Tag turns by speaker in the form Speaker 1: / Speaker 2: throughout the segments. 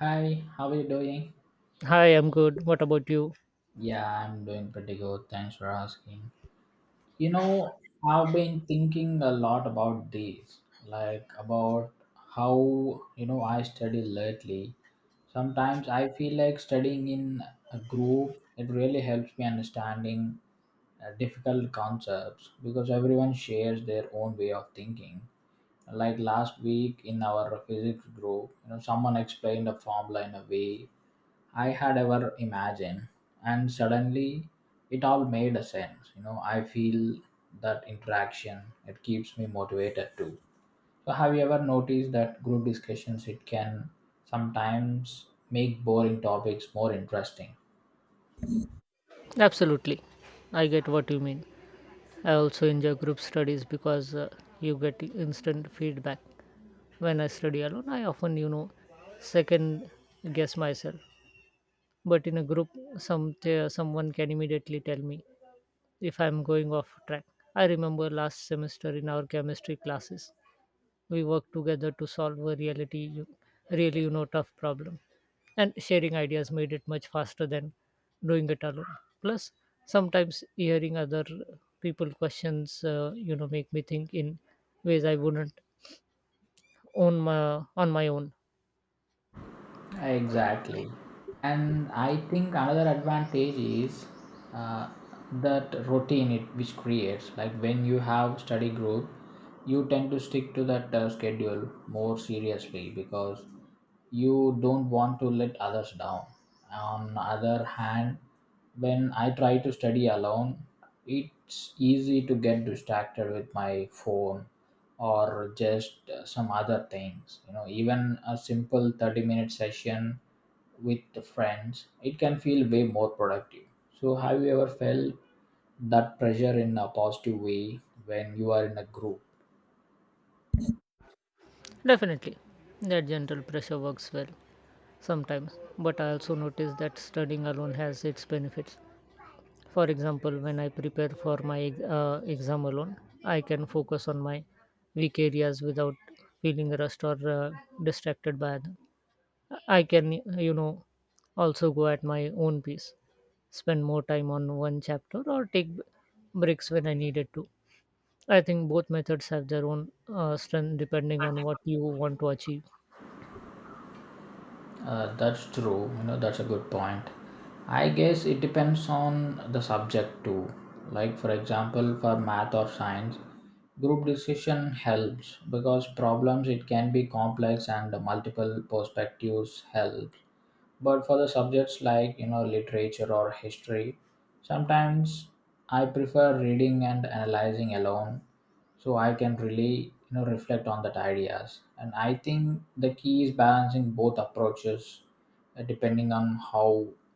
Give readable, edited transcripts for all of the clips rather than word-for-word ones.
Speaker 1: Hi, how are you doing?
Speaker 2: Hi, I'm good. What about you?
Speaker 1: Yeah, I'm doing pretty good. Thanks for asking. You know, I've been thinking a lot about this, like about how, you know, I study lately. Sometimes I feel like studying in a group, it really helps me understanding difficult concepts because everyone shares their own way of thinking. Like last week in our physics group, you know, someone explained a formula in a way I had ever imagined. And suddenly it all made a sense. You know, I feel that interaction, it keeps me motivated too. So have you ever noticed that group discussions it can sometimes make boring topics more interesting?
Speaker 2: Absolutely. I get what you mean. I also enjoy group studies because you get instant feedback. When I study alone, I often, second guess myself. But in a group, someone can immediately tell me if I'm going off track. I remember last semester in our chemistry classes, we work together to solve a really tough problem, and sharing ideas made it much faster than doing it alone. Plus sometimes hearing other people questions make me think in ways I wouldn't on my on my own.
Speaker 1: Exactly. And I think another advantage is uh, that routine it which creates. Like when you have study group, you tend to stick to that schedule more seriously because you don't want to let others down. On other hand, when I try to study alone, it's easy to get distracted with my phone or just some other things, you know, even a simple 30-minute session with the friends it can feel way more productive. So have you ever felt that pressure in a positive way when you are in a group?
Speaker 2: Definitely. That gentle pressure works well sometimes, but I also notice that studying alone has its benefits. For example, when I prepare for my exam alone, I can focus on my weak areas without feeling rushed or distracted by them. I can, you know, also go at my own pace, spend more time on one chapter, or take breaks when I needed to. I think both methods have their own strength depending on what you want to achieve.
Speaker 1: That's true. You know, that's a good point. I guess it depends on the subject too. Like, for example, for math or science, group decision helps because problems it can be complex and multiple perspectives help, but for the subjects like, you know, literature or history, sometimes I prefer reading and analyzing alone, so I can really, you know, reflect on that ideas. And I think the key is balancing both approaches, depending on how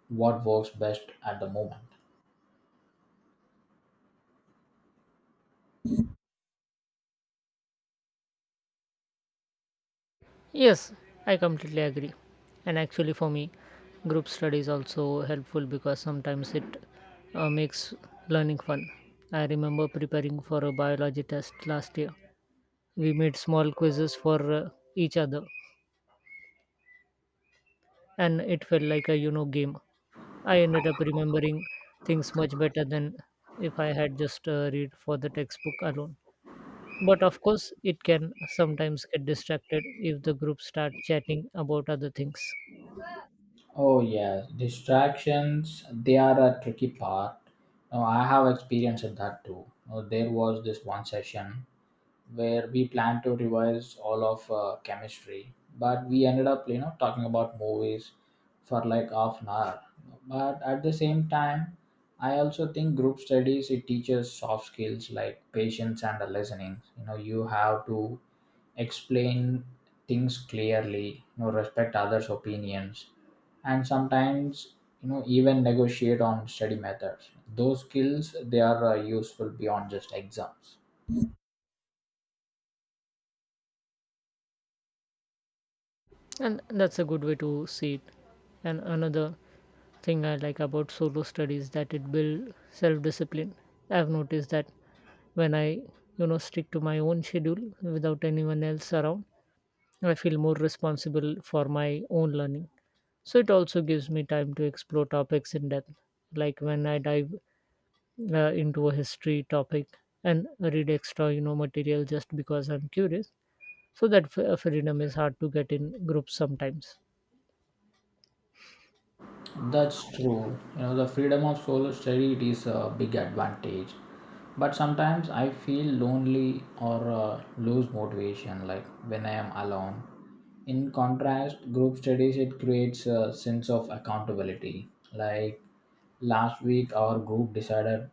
Speaker 1: what works best at the moment.
Speaker 2: Yes, I completely agree. And actually, for me, group study is also helpful because sometimes it makes learning fun. I remember preparing for a biology test last year. We made small quizzes for each other, and it felt like a game. I ended up remembering things much better than if I had just read for the textbook alone. But of course, it can sometimes get distracted if the group start chatting about other things.
Speaker 1: Oh yes, distractions they are a tricky part. Now I have experienced that too. Now, there was this one session where we planned to revise all of chemistry, but we ended up, you know, talking about movies for like half an hour. But at the same time, I also think group studies it teaches soft skills like patience and listening. You know, you have to explain things clearly, you know, respect others opinions, and sometimes, you know, even negotiate on study methods. Those skills they are useful beyond just exams.
Speaker 2: And that's a good way to see it. And another thing I like about solo study is that it builds self-discipline. I've noticed that when I stick to my own schedule without anyone else around, I feel more responsible for my own learning. So it also gives me time to explore topics in depth, like when I dive into a history topic and read extra material just because I'm curious. So that freedom is hard to get in groups sometimes.
Speaker 1: That's true. You know, the freedom of solo study it is a big advantage. But sometimes I feel lonely or lose motivation, like when I am alone. In contrast, group studies it creates a sense of accountability. Like last week, our group decided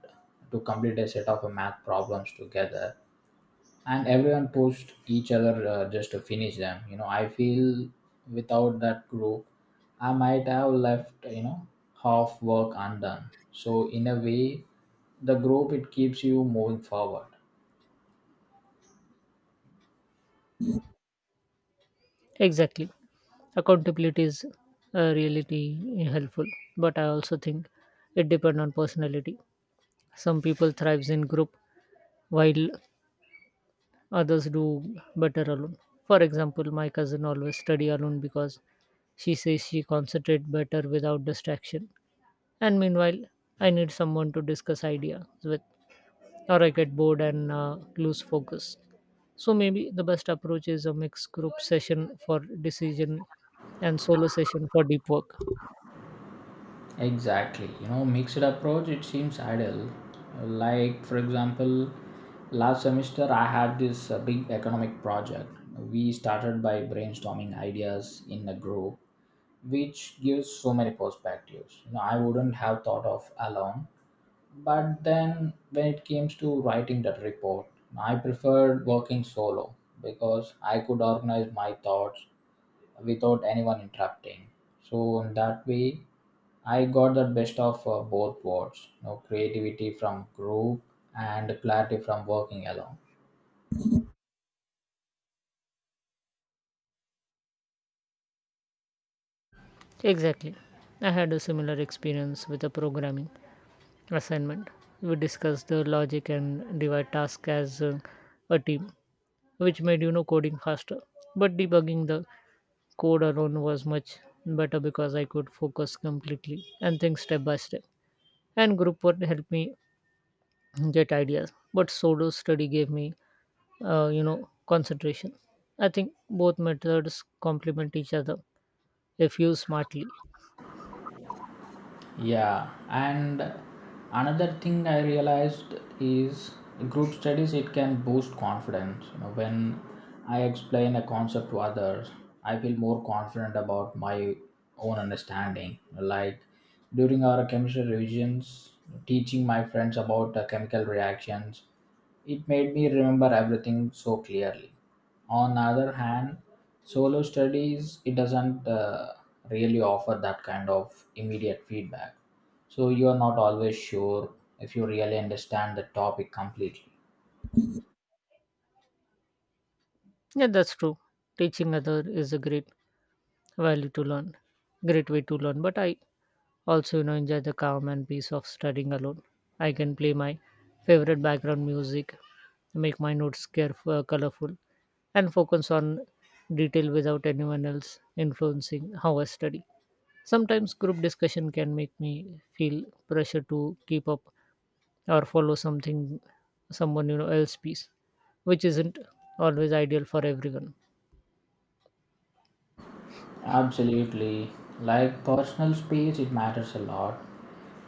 Speaker 1: to complete a set of math problems together, and everyone pushed each other just to finish them. You know, I feel without that group, I might have left, you know, half work undone. So in a way, the group it keeps you moving forward.
Speaker 2: Exactly. Accountability is really helpful, but I also think it depends on personality. Some people thrives in group while others do better alone. For example, my cousin always study alone because she says she concentrate better without distraction. And meanwhile, I need someone to discuss ideas with, or I get bored and lose focus. So maybe the best approach is a mixed group session for decision and solo session for deep work.
Speaker 1: Exactly, you know, mixed approach it seems ideal. Like, for example, last semester I had this big economic project. We started by brainstorming ideas in a group, which gives so many perspectives. You know, I wouldn't have thought of alone. But then when it comes to writing that report, I preferred working solo because I could organize my thoughts without anyone interrupting. So in that way, I got the best of both worlds, you know, creativity from group and clarity from working alone.
Speaker 2: Exactly. I had a similar experience with a programming assignment. We discussed the logic and divide tasks as a team, which made coding faster. But debugging the code alone was much better because I could focus completely and think step by step. And group work helped me get ideas, but solo study gave me concentration. I think both methods complement each other if used smartly.
Speaker 1: Yeah, and another thing I realized is group studies it can boost confidence. You know, when I explain a concept to others, I feel more confident about my own understanding. Like during our chemistry revisions, teaching my friends about the chemical reactions, it made me remember everything so clearly. On the other hand, solo studies it doesn't really offer that kind of immediate feedback. So you are not always sure if you really understand the topic completely.
Speaker 2: Yeah, that's true. Teaching other is a great value to learn, great way to learn. But I also, enjoy the calm and peace of studying alone. I can play my favorite background music, make my notes careful, colorful, and focus on detail without anyone else influencing how I study. Sometimes group discussion can make me feel pressure to keep up or follow something, someone else piece, which isn't always ideal for everyone.
Speaker 1: Absolutely. Like personal space, it matters a lot.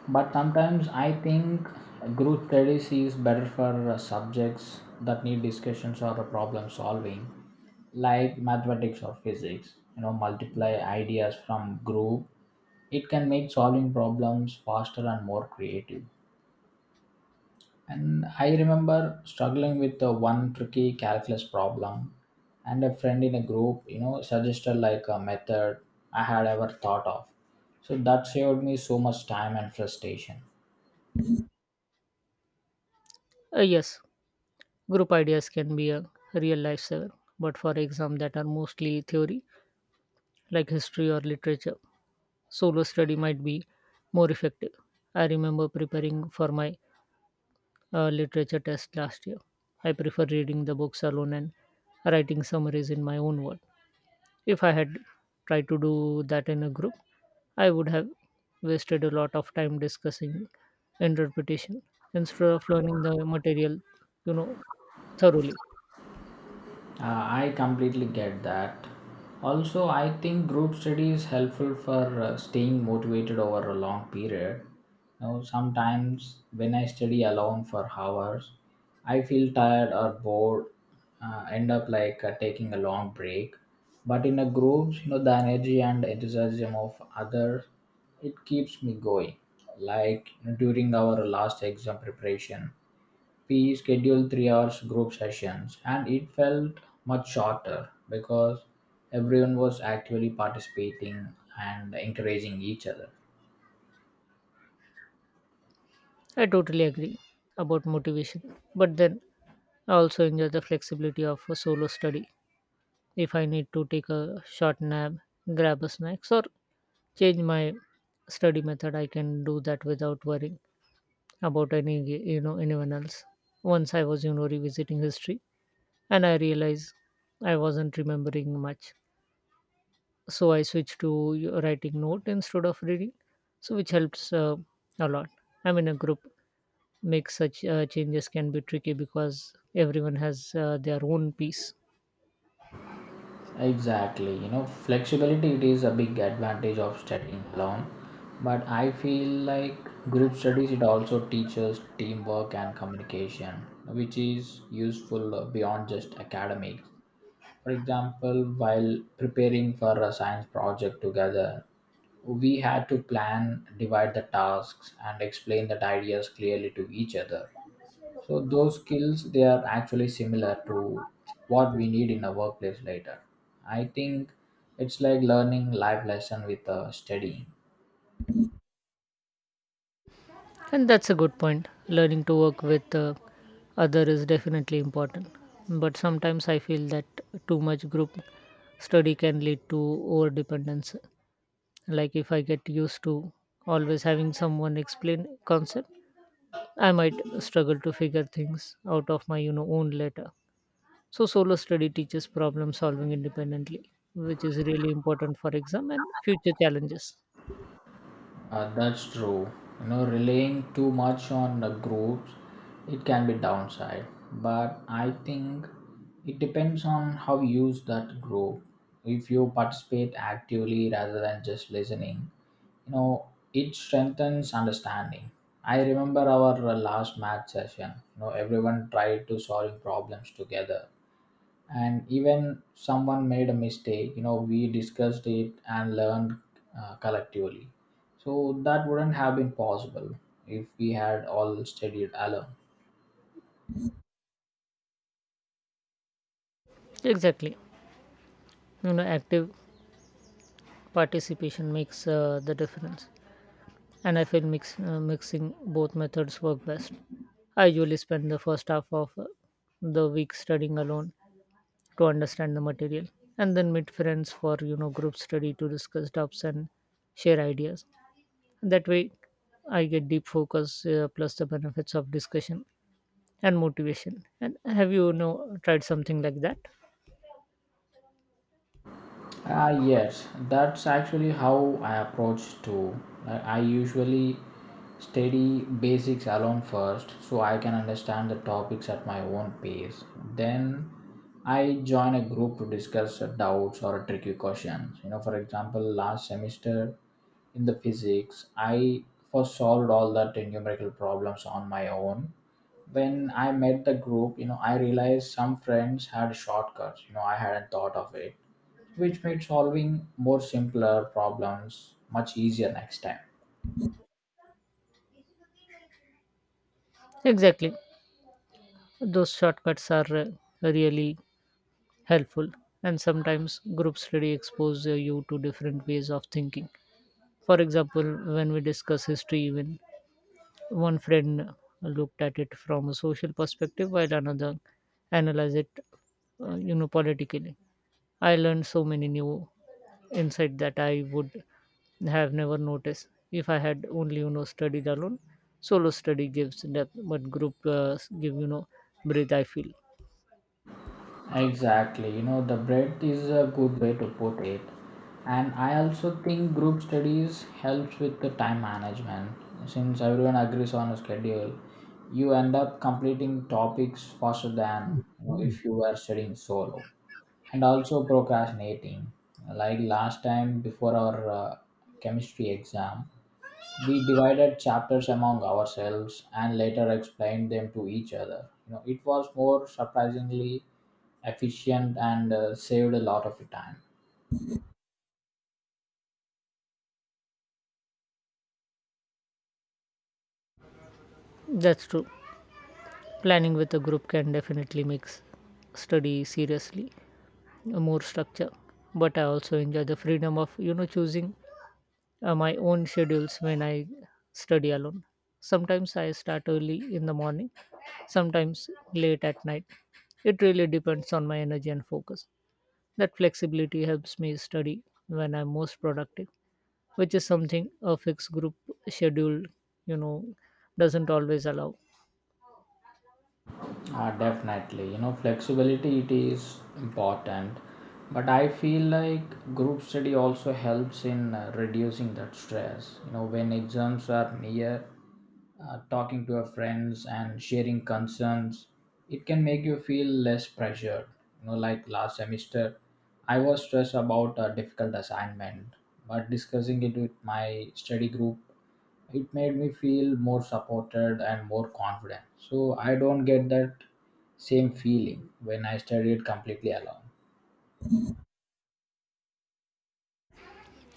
Speaker 1: But sometimes I think group studies is better for subjects that need discussions or problem solving, like mathematics or physics. You know, multiply ideas from group. It can make solving problems faster and more creative. And I remember struggling with the one tricky calculus problem, and a friend in a group, you know, suggested like a method I had ever thought of. So that saved me so much time and frustration.
Speaker 2: Yes, group ideas can be a real lifesaver, but for exams that are mostly theory, like history or literature, solo study might be more effective. I remember preparing for my literature test last year. I prefer reading the books alone and writing summaries in my own word. If I had tried to do that in a group, I would have wasted a lot of time discussing interpretation instead of learning the material, you know, thoroughly.
Speaker 1: I completely get that. Also, I think group study is helpful for staying motivated over a long period. Now, sometimes when I study alone for hours, I feel tired or bored, end up like taking a long break. But in a group, you know, the energy and enthusiasm of others, it keeps me going. Like during our last exam preparation, we scheduled 3 hour group sessions and it felt much shorter because everyone was actually participating and encouraging each other.
Speaker 2: I totally agree about motivation, but then I also enjoy the flexibility of a solo study. If I need to take a short nap, grab a snacks, or change my study method, I can do that without worrying about any anyone else. Once I was revisiting history, and I realized I wasn't remembering much, so I switched to writing note instead of reading, so which helps a lot. I'm in a group make such changes can be tricky because everyone has their own piece.
Speaker 1: Exactly, you know, flexibility it is a big advantage of studying alone, but I feel like group studies it also teaches teamwork and communication, which is useful beyond just academics. For example, while preparing for a science project together, we had to plan, divide the tasks, and explain the ideas clearly to each other. So those skills they are actually similar to what we need in a workplace later. I think it's like learning life lesson with studying.
Speaker 2: And that's a good point. Learning to work with other is definitely important, but sometimes I feel that too much group study can lead to over dependence. Like if I get used to always having someone explain concept, I might struggle to figure things out of my own later. So solo study teaches problem solving independently, which is really important for exam and future challenges.
Speaker 1: That's true. You know, relying too much on the groups, it can be downside. But I think it depends on how you use that group. If you participate actively rather than just listening, you know, it strengthens understanding. I remember our last math session. You know, everyone tried to solve problems together, and even someone made a mistake, you know, we discussed it and learned collectively. So that wouldn't have been possible if we had all studied alone.
Speaker 2: Exactly. You know, active participation makes the difference. And I feel mixing both methods work best. I usually spend the first half of the week studying alone to understand the material and then meet friends for, group study to discuss doubts and share ideas. That way I get deep focus plus the benefits of discussion and motivation. And have you, you know tried something like that?
Speaker 1: Ah, yes, that's actually how I approach too. Like, I usually study basics alone first so I can understand the topics at my own pace. Then I join a group to discuss doubts or tricky questions. You know, for example, last semester in the physics, I first solved all that numerical problems on my own. When I met the group, you know, I realized some friends had shortcuts, you know, I hadn't thought of it, which made solving more simpler problems much easier next time.
Speaker 2: Exactly. Those shortcuts are really helpful. And sometimes group study exposes you to different ways of thinking. For example, when we discuss history, even one friend looked at it from a social perspective while another analyzed it politically. I learned so many new insight that I would have never noticed if I had only studied alone. Solo study gives depth, but group give breathe, I feel.
Speaker 1: Exactly, you know, the breadth is a good way to put it. And I also think group studies helps with the time management. Since everyone agrees on a schedule, you end up completing topics faster than, you know, if you were studying solo. And also procrastinating. Like last time before our chemistry exam, we divided chapters among ourselves and later explained them to each other. You know, it was more surprisingly efficient and saved a lot of time.
Speaker 2: That's true. Planning with a group can definitely make study seriously more structure. But I also enjoy the freedom of choosing my own schedules when I study alone. Sometimes I start early in the morning, sometimes late at night. It really depends on my energy and focus. That flexibility helps me study when I'm most productive, which is something a fixed group schedule you know doesn't always allow.
Speaker 1: Definitely, you know, flexibility it is important, but I feel like group study also helps in reducing that stress. You know, when exams are near, talking to your friends and sharing concerns, it can make you feel less pressured. You know, like last semester, I was stressed about a difficult assignment, but discussing it with my study group it made me feel more supported and more confident. So I don't get that same feeling when I study it completely alone.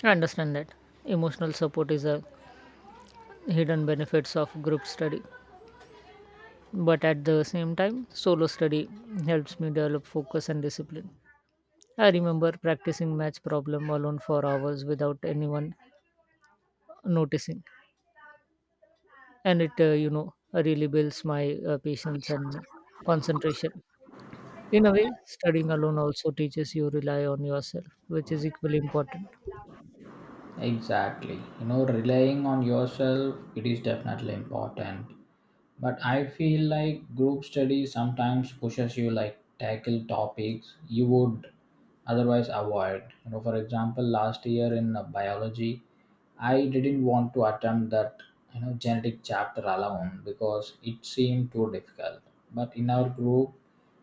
Speaker 2: I understand that. Emotional support is a hidden benefits of group study, but at the same time, solo study helps me develop focus and discipline. I remember practicing match problem alone for hours without anyone noticing, and it really builds my patience and concentration. In a way, studying alone also teaches you rely on yourself, which is equally important.
Speaker 1: Exactly. You know, relying on yourself, it is definitely important. But I feel like group study sometimes pushes you like tackle topics you would otherwise avoid. You know, for example, last year in biology, I didn't want to attempt that, you know, genetic chapter alone because it seemed too difficult. But in our group,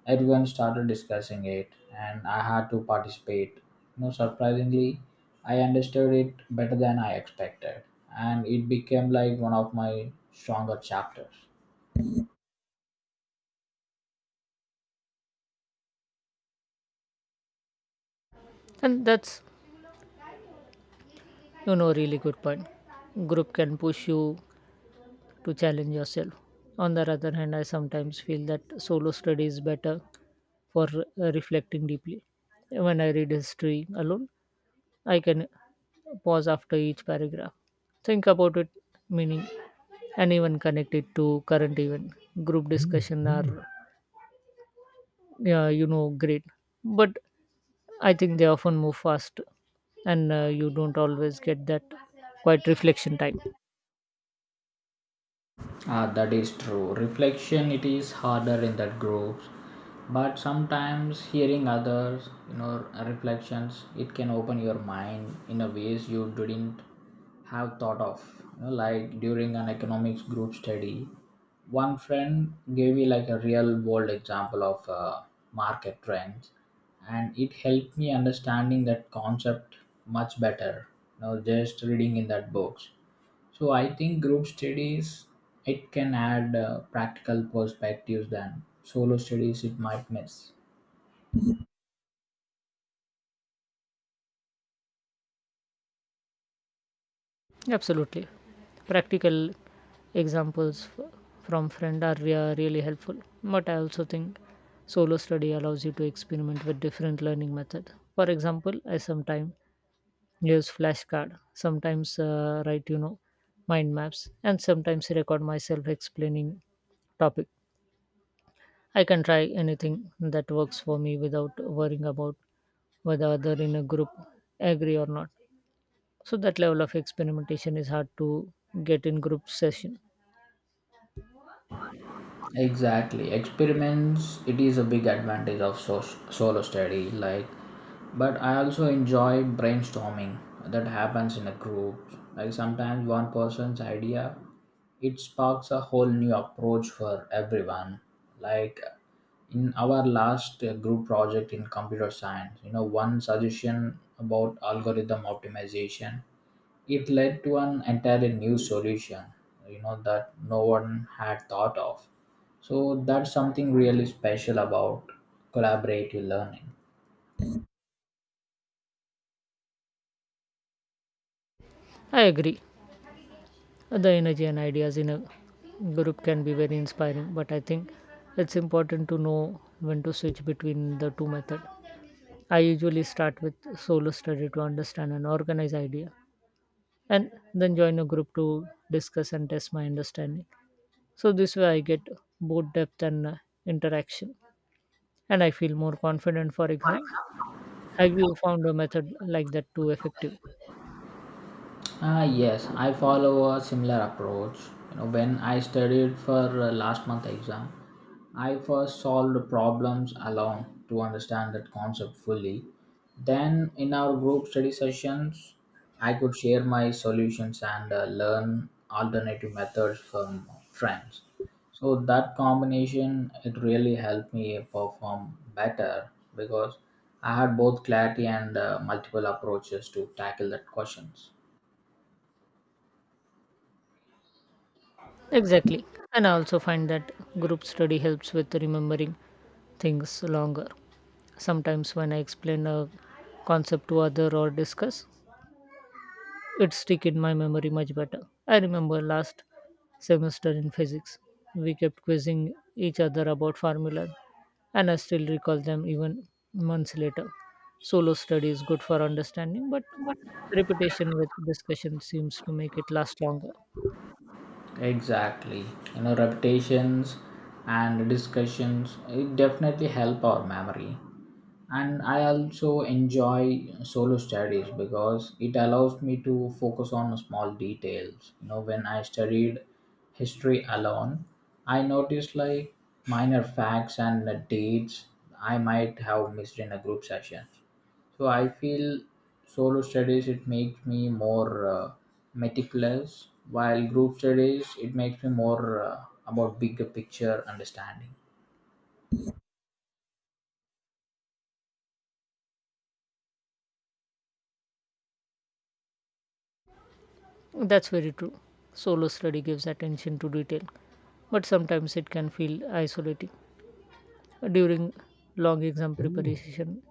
Speaker 1: everyone started discussing it, and I had to participate. You know, surprisingly, I understood it better than I expected, and it became like one of my stronger chapters.
Speaker 2: And that's a really good point. Group can push you to challenge yourself. On the other hand, I sometimes feel that solo study is better for reflecting deeply. When I read history alone, I can pause after each paragraph, think about it meaning, and even connect it to current event. Group discussion are, great, but I think they often move fast, and you don't always get that quite reflection time.
Speaker 1: Ah, that is true. Reflection it is harder in that groups, but sometimes hearing others, you know, reflections, it can open your mind in a ways you didn't have thought of. You know, like during an economics group study, one friend gave me like a real world example of market trends, and it helped me understanding that concept much better. You know, just reading in that books. So I think group studies it can add practical perspectives than solo studies it might miss.
Speaker 2: Absolutely. Practical examples from friend are really helpful, but I also think solo study allows you to experiment with different learning method. For example, I sometimes use flashcard, sometimes write mind maps, and sometimes record myself explaining topic. I can try anything that works for me without worrying about whether other in a group agree or not. So that level of experimentation is hard to get in group session.
Speaker 1: Exactly, experiments it is a big advantage of solo study like. But I also enjoy brainstorming that happens in a group. Like, sometimes one person's idea it sparks a whole new approach for everyone. Like in our last group project in computer science, you know, one suggestion about algorithm optimization, it led to an entirely new solution, you know, that no one had thought of. So that's something really special about collaborative learning.
Speaker 2: I agree. The energy and ideas in a group can be very inspiring, but I think it's important to know when to switch between the two methods. I usually start with solo study to understand and organize idea and then join a group to discuss and test my understanding. So this way I get both depth and interaction, and I feel more confident for exam. Have you found a method like that too effective?
Speaker 1: Ah, yes, I follow a similar approach. You know, when I studied for last month exam, I first solved problems alone to understand that concept fully. Then, in our group study sessions, I could share my solutions and learn alternative methods from friends. So that combination it really helped me perform better because I had both clarity and multiple approaches to tackle that questions.
Speaker 2: Exactly. And I also find that group study helps with remembering things longer. Sometimes when I explain a concept to other or discuss, it stick in my memory much better. I remember last semester in physics, we kept quizzing each other about formula, and I still recall them even months later. Solo study is good for understanding, but repetition with discussion seems to make it last longer.
Speaker 1: Exactly. You know, repetitions and discussions it definitely help our memory. And I also enjoy solo studies because it allows me to focus on small details. You know, when I studied history alone, I noticed like minor facts and the dates I might have missed in a group session. So I feel solo studies it makes me more meticulous, while group studies it makes me more about bigger picture understanding.
Speaker 2: That's very true. Solo study gives attention to detail, but sometimes it can feel isolating. During long exam preparation,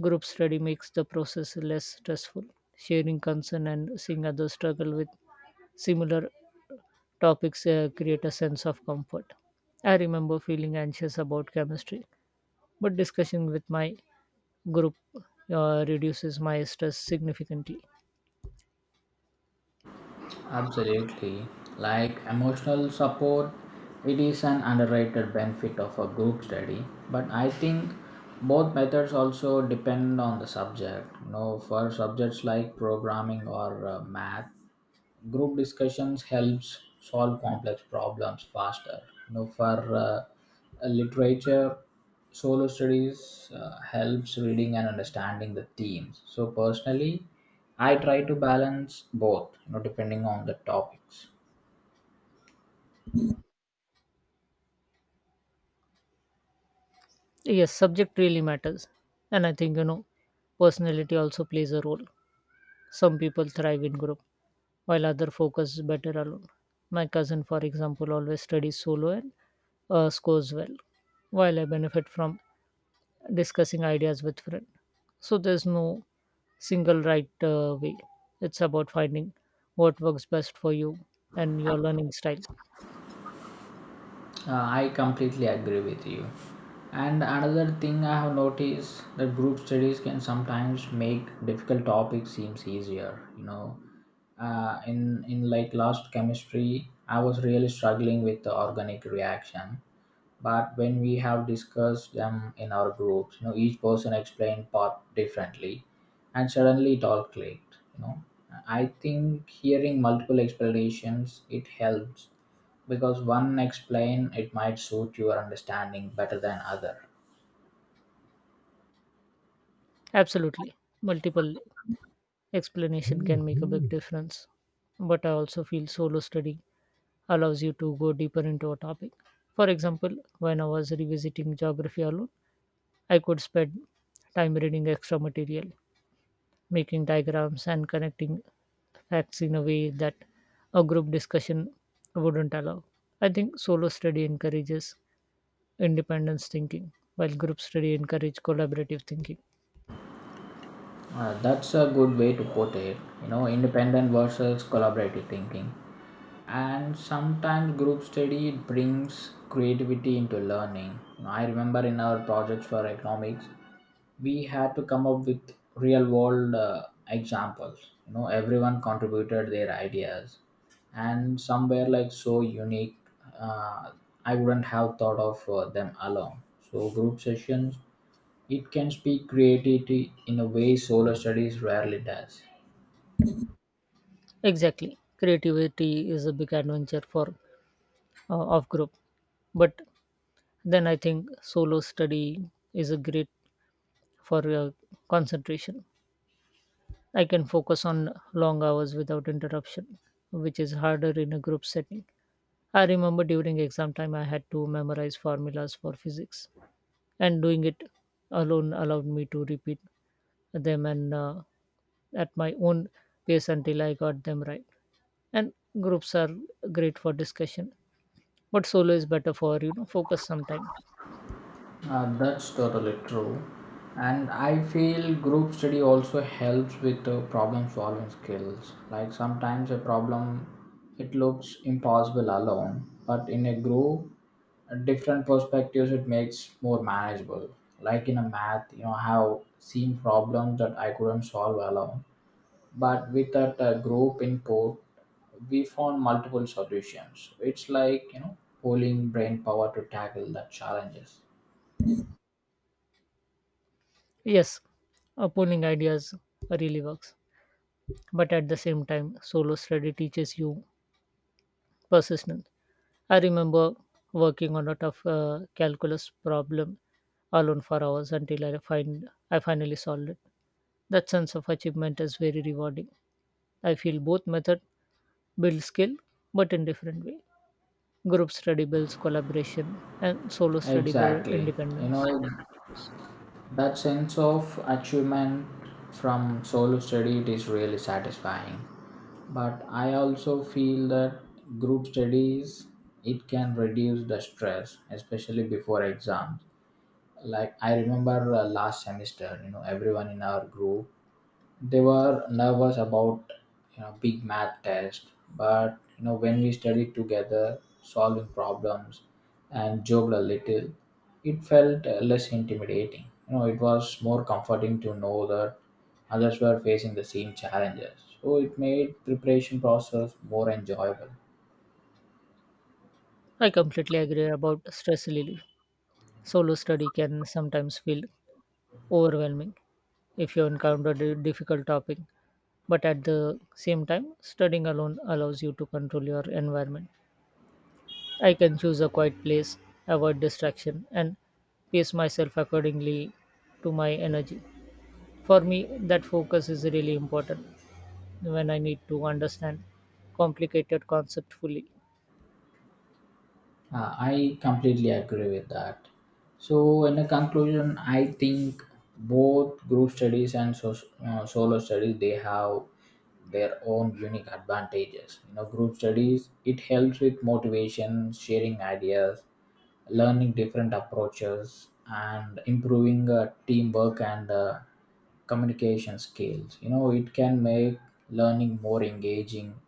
Speaker 2: group study makes the process less stressful. Sharing concern and seeing others struggle with similar topics create a sense of comfort. I remember feeling anxious about chemistry, but discussion with my group reduces my stress significantly.
Speaker 1: Absolutely, like emotional support, it is an underrated benefit of a group study. But I think both methods also depend on the subject. You know, for subjects like programming or math. Group discussions helps solve complex problems faster. You know, for literature, solo studies helps reading and understanding the themes. So personally, I try to balance both, you know, depending on the topics.
Speaker 2: Yes, subject really matters. And I think, personality also plays a role. Some people thrive in group, while other focus better alone. My cousin, for example, always studies solo and scores well, while I benefit from discussing ideas with friends. So there's no single right way. It's about finding what works best for you and your learning style.
Speaker 1: I completely agree with you. And another thing I have noticed that group studies can sometimes make difficult topics seems easier. In like last chemistry, I was really struggling with the organic reaction. But when we have discussed them in our groups, you know, each person explained part differently, and suddenly it all clicked. You know, I think hearing multiple explanations it helps because one explain it might suit your understanding better than other.
Speaker 2: Absolutely. Multiple explanation can make a big difference. But I also feel solo study allows you to go deeper into a topic. For example, when I was revisiting geography alone, I could spend time reading extra material, making diagrams, and connecting facts in a way that a group discussion wouldn't allow. I think solo study encourages independence thinking, while group study encourages collaborative thinking.
Speaker 1: That's a good way to put it. You know, independent versus collaborative thinking. And sometimes group study brings creativity into learning. I remember in our projects for economics we had to come up with real world examples. You know, everyone contributed their ideas and some were like so unique, uh, I wouldn't have thought of them alone. So group sessions it can speak creativity in a way solo studies rarely does.
Speaker 2: Exactly. Creativity is a big adventure for of group, but then I think solo study is a great for concentration. I can focus on long hours without interruption, which is harder in a group setting. I remember during exam time I had to memorize formulas for physics, and doing it alone allowed me to repeat them and at my own pace until I got them right. And groups are great for discussion, but solo is better for focus sometime.
Speaker 1: That's totally true. And I feel group study also helps with problem solving skills. Like sometimes a problem, it looks impossible alone, but in a group, different perspectives, it makes more manageable. Like in a math, you know, I have seen problems that I couldn't solve alone, but with that group input, we found multiple solutions. It's like, you know, pulling brain power to tackle the challenges.
Speaker 2: Yes, pulling ideas really works, but at the same time, solo study teaches you persistent. I remember working on a tough calculus problem alone for hours until I finally solved it. That sense of achievement is very rewarding. I feel both method build skill, but in different way. Group study builds collaboration, and solo study builds
Speaker 1: Exactly. You know,
Speaker 2: independence.
Speaker 1: that sense of achievement from solo study it is really satisfying. But I also feel that group studies it can reduce the stress, especially before exams. Like I remember last semester, you know, everyone in our group they were nervous about, you know, big math test. But you know when we studied together solving problems and joked a little it felt less intimidating. You know, it was more comforting to know that others were facing the same challenges, so it made preparation process more enjoyable.
Speaker 2: I completely agree about stress relief. Solo study can sometimes feel overwhelming if you encounter a difficult topic, but at the same time, studying alone allows you to control your environment. I can choose a quiet place, avoid distraction, and pace myself accordingly to my energy. For me, that focus is really important when I need to understand complicated concept fully.
Speaker 1: I completely agree with that. So, in a conclusion, I think both group studies and solo studies they have their own unique advantages. You know, group studies it helps with motivation, sharing ideas, learning different approaches, and improving teamwork and communication skills. You know, it can make learning more engaging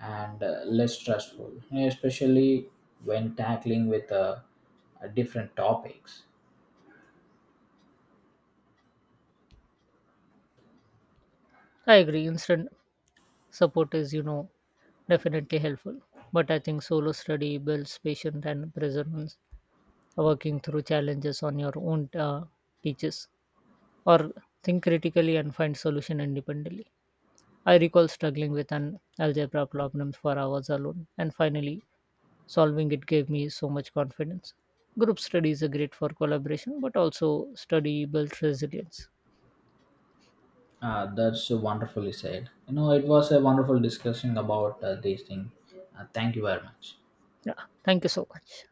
Speaker 1: and less stressful, especially when tackling with different topics.
Speaker 2: I agree. Instant support is, definitely helpful. But I think solo study builds patience and perseverance. Working through challenges on your own teaches or think critically and find solution independently. I recall struggling with an algebra problem for hours alone, and finally solving it gave me so much confidence. Group studies are great for collaboration, but also study builds resilience.
Speaker 1: That's wonderfully said. You know, it was a wonderful discussion about these things. Thank you very much.
Speaker 2: Yeah, thank you so much.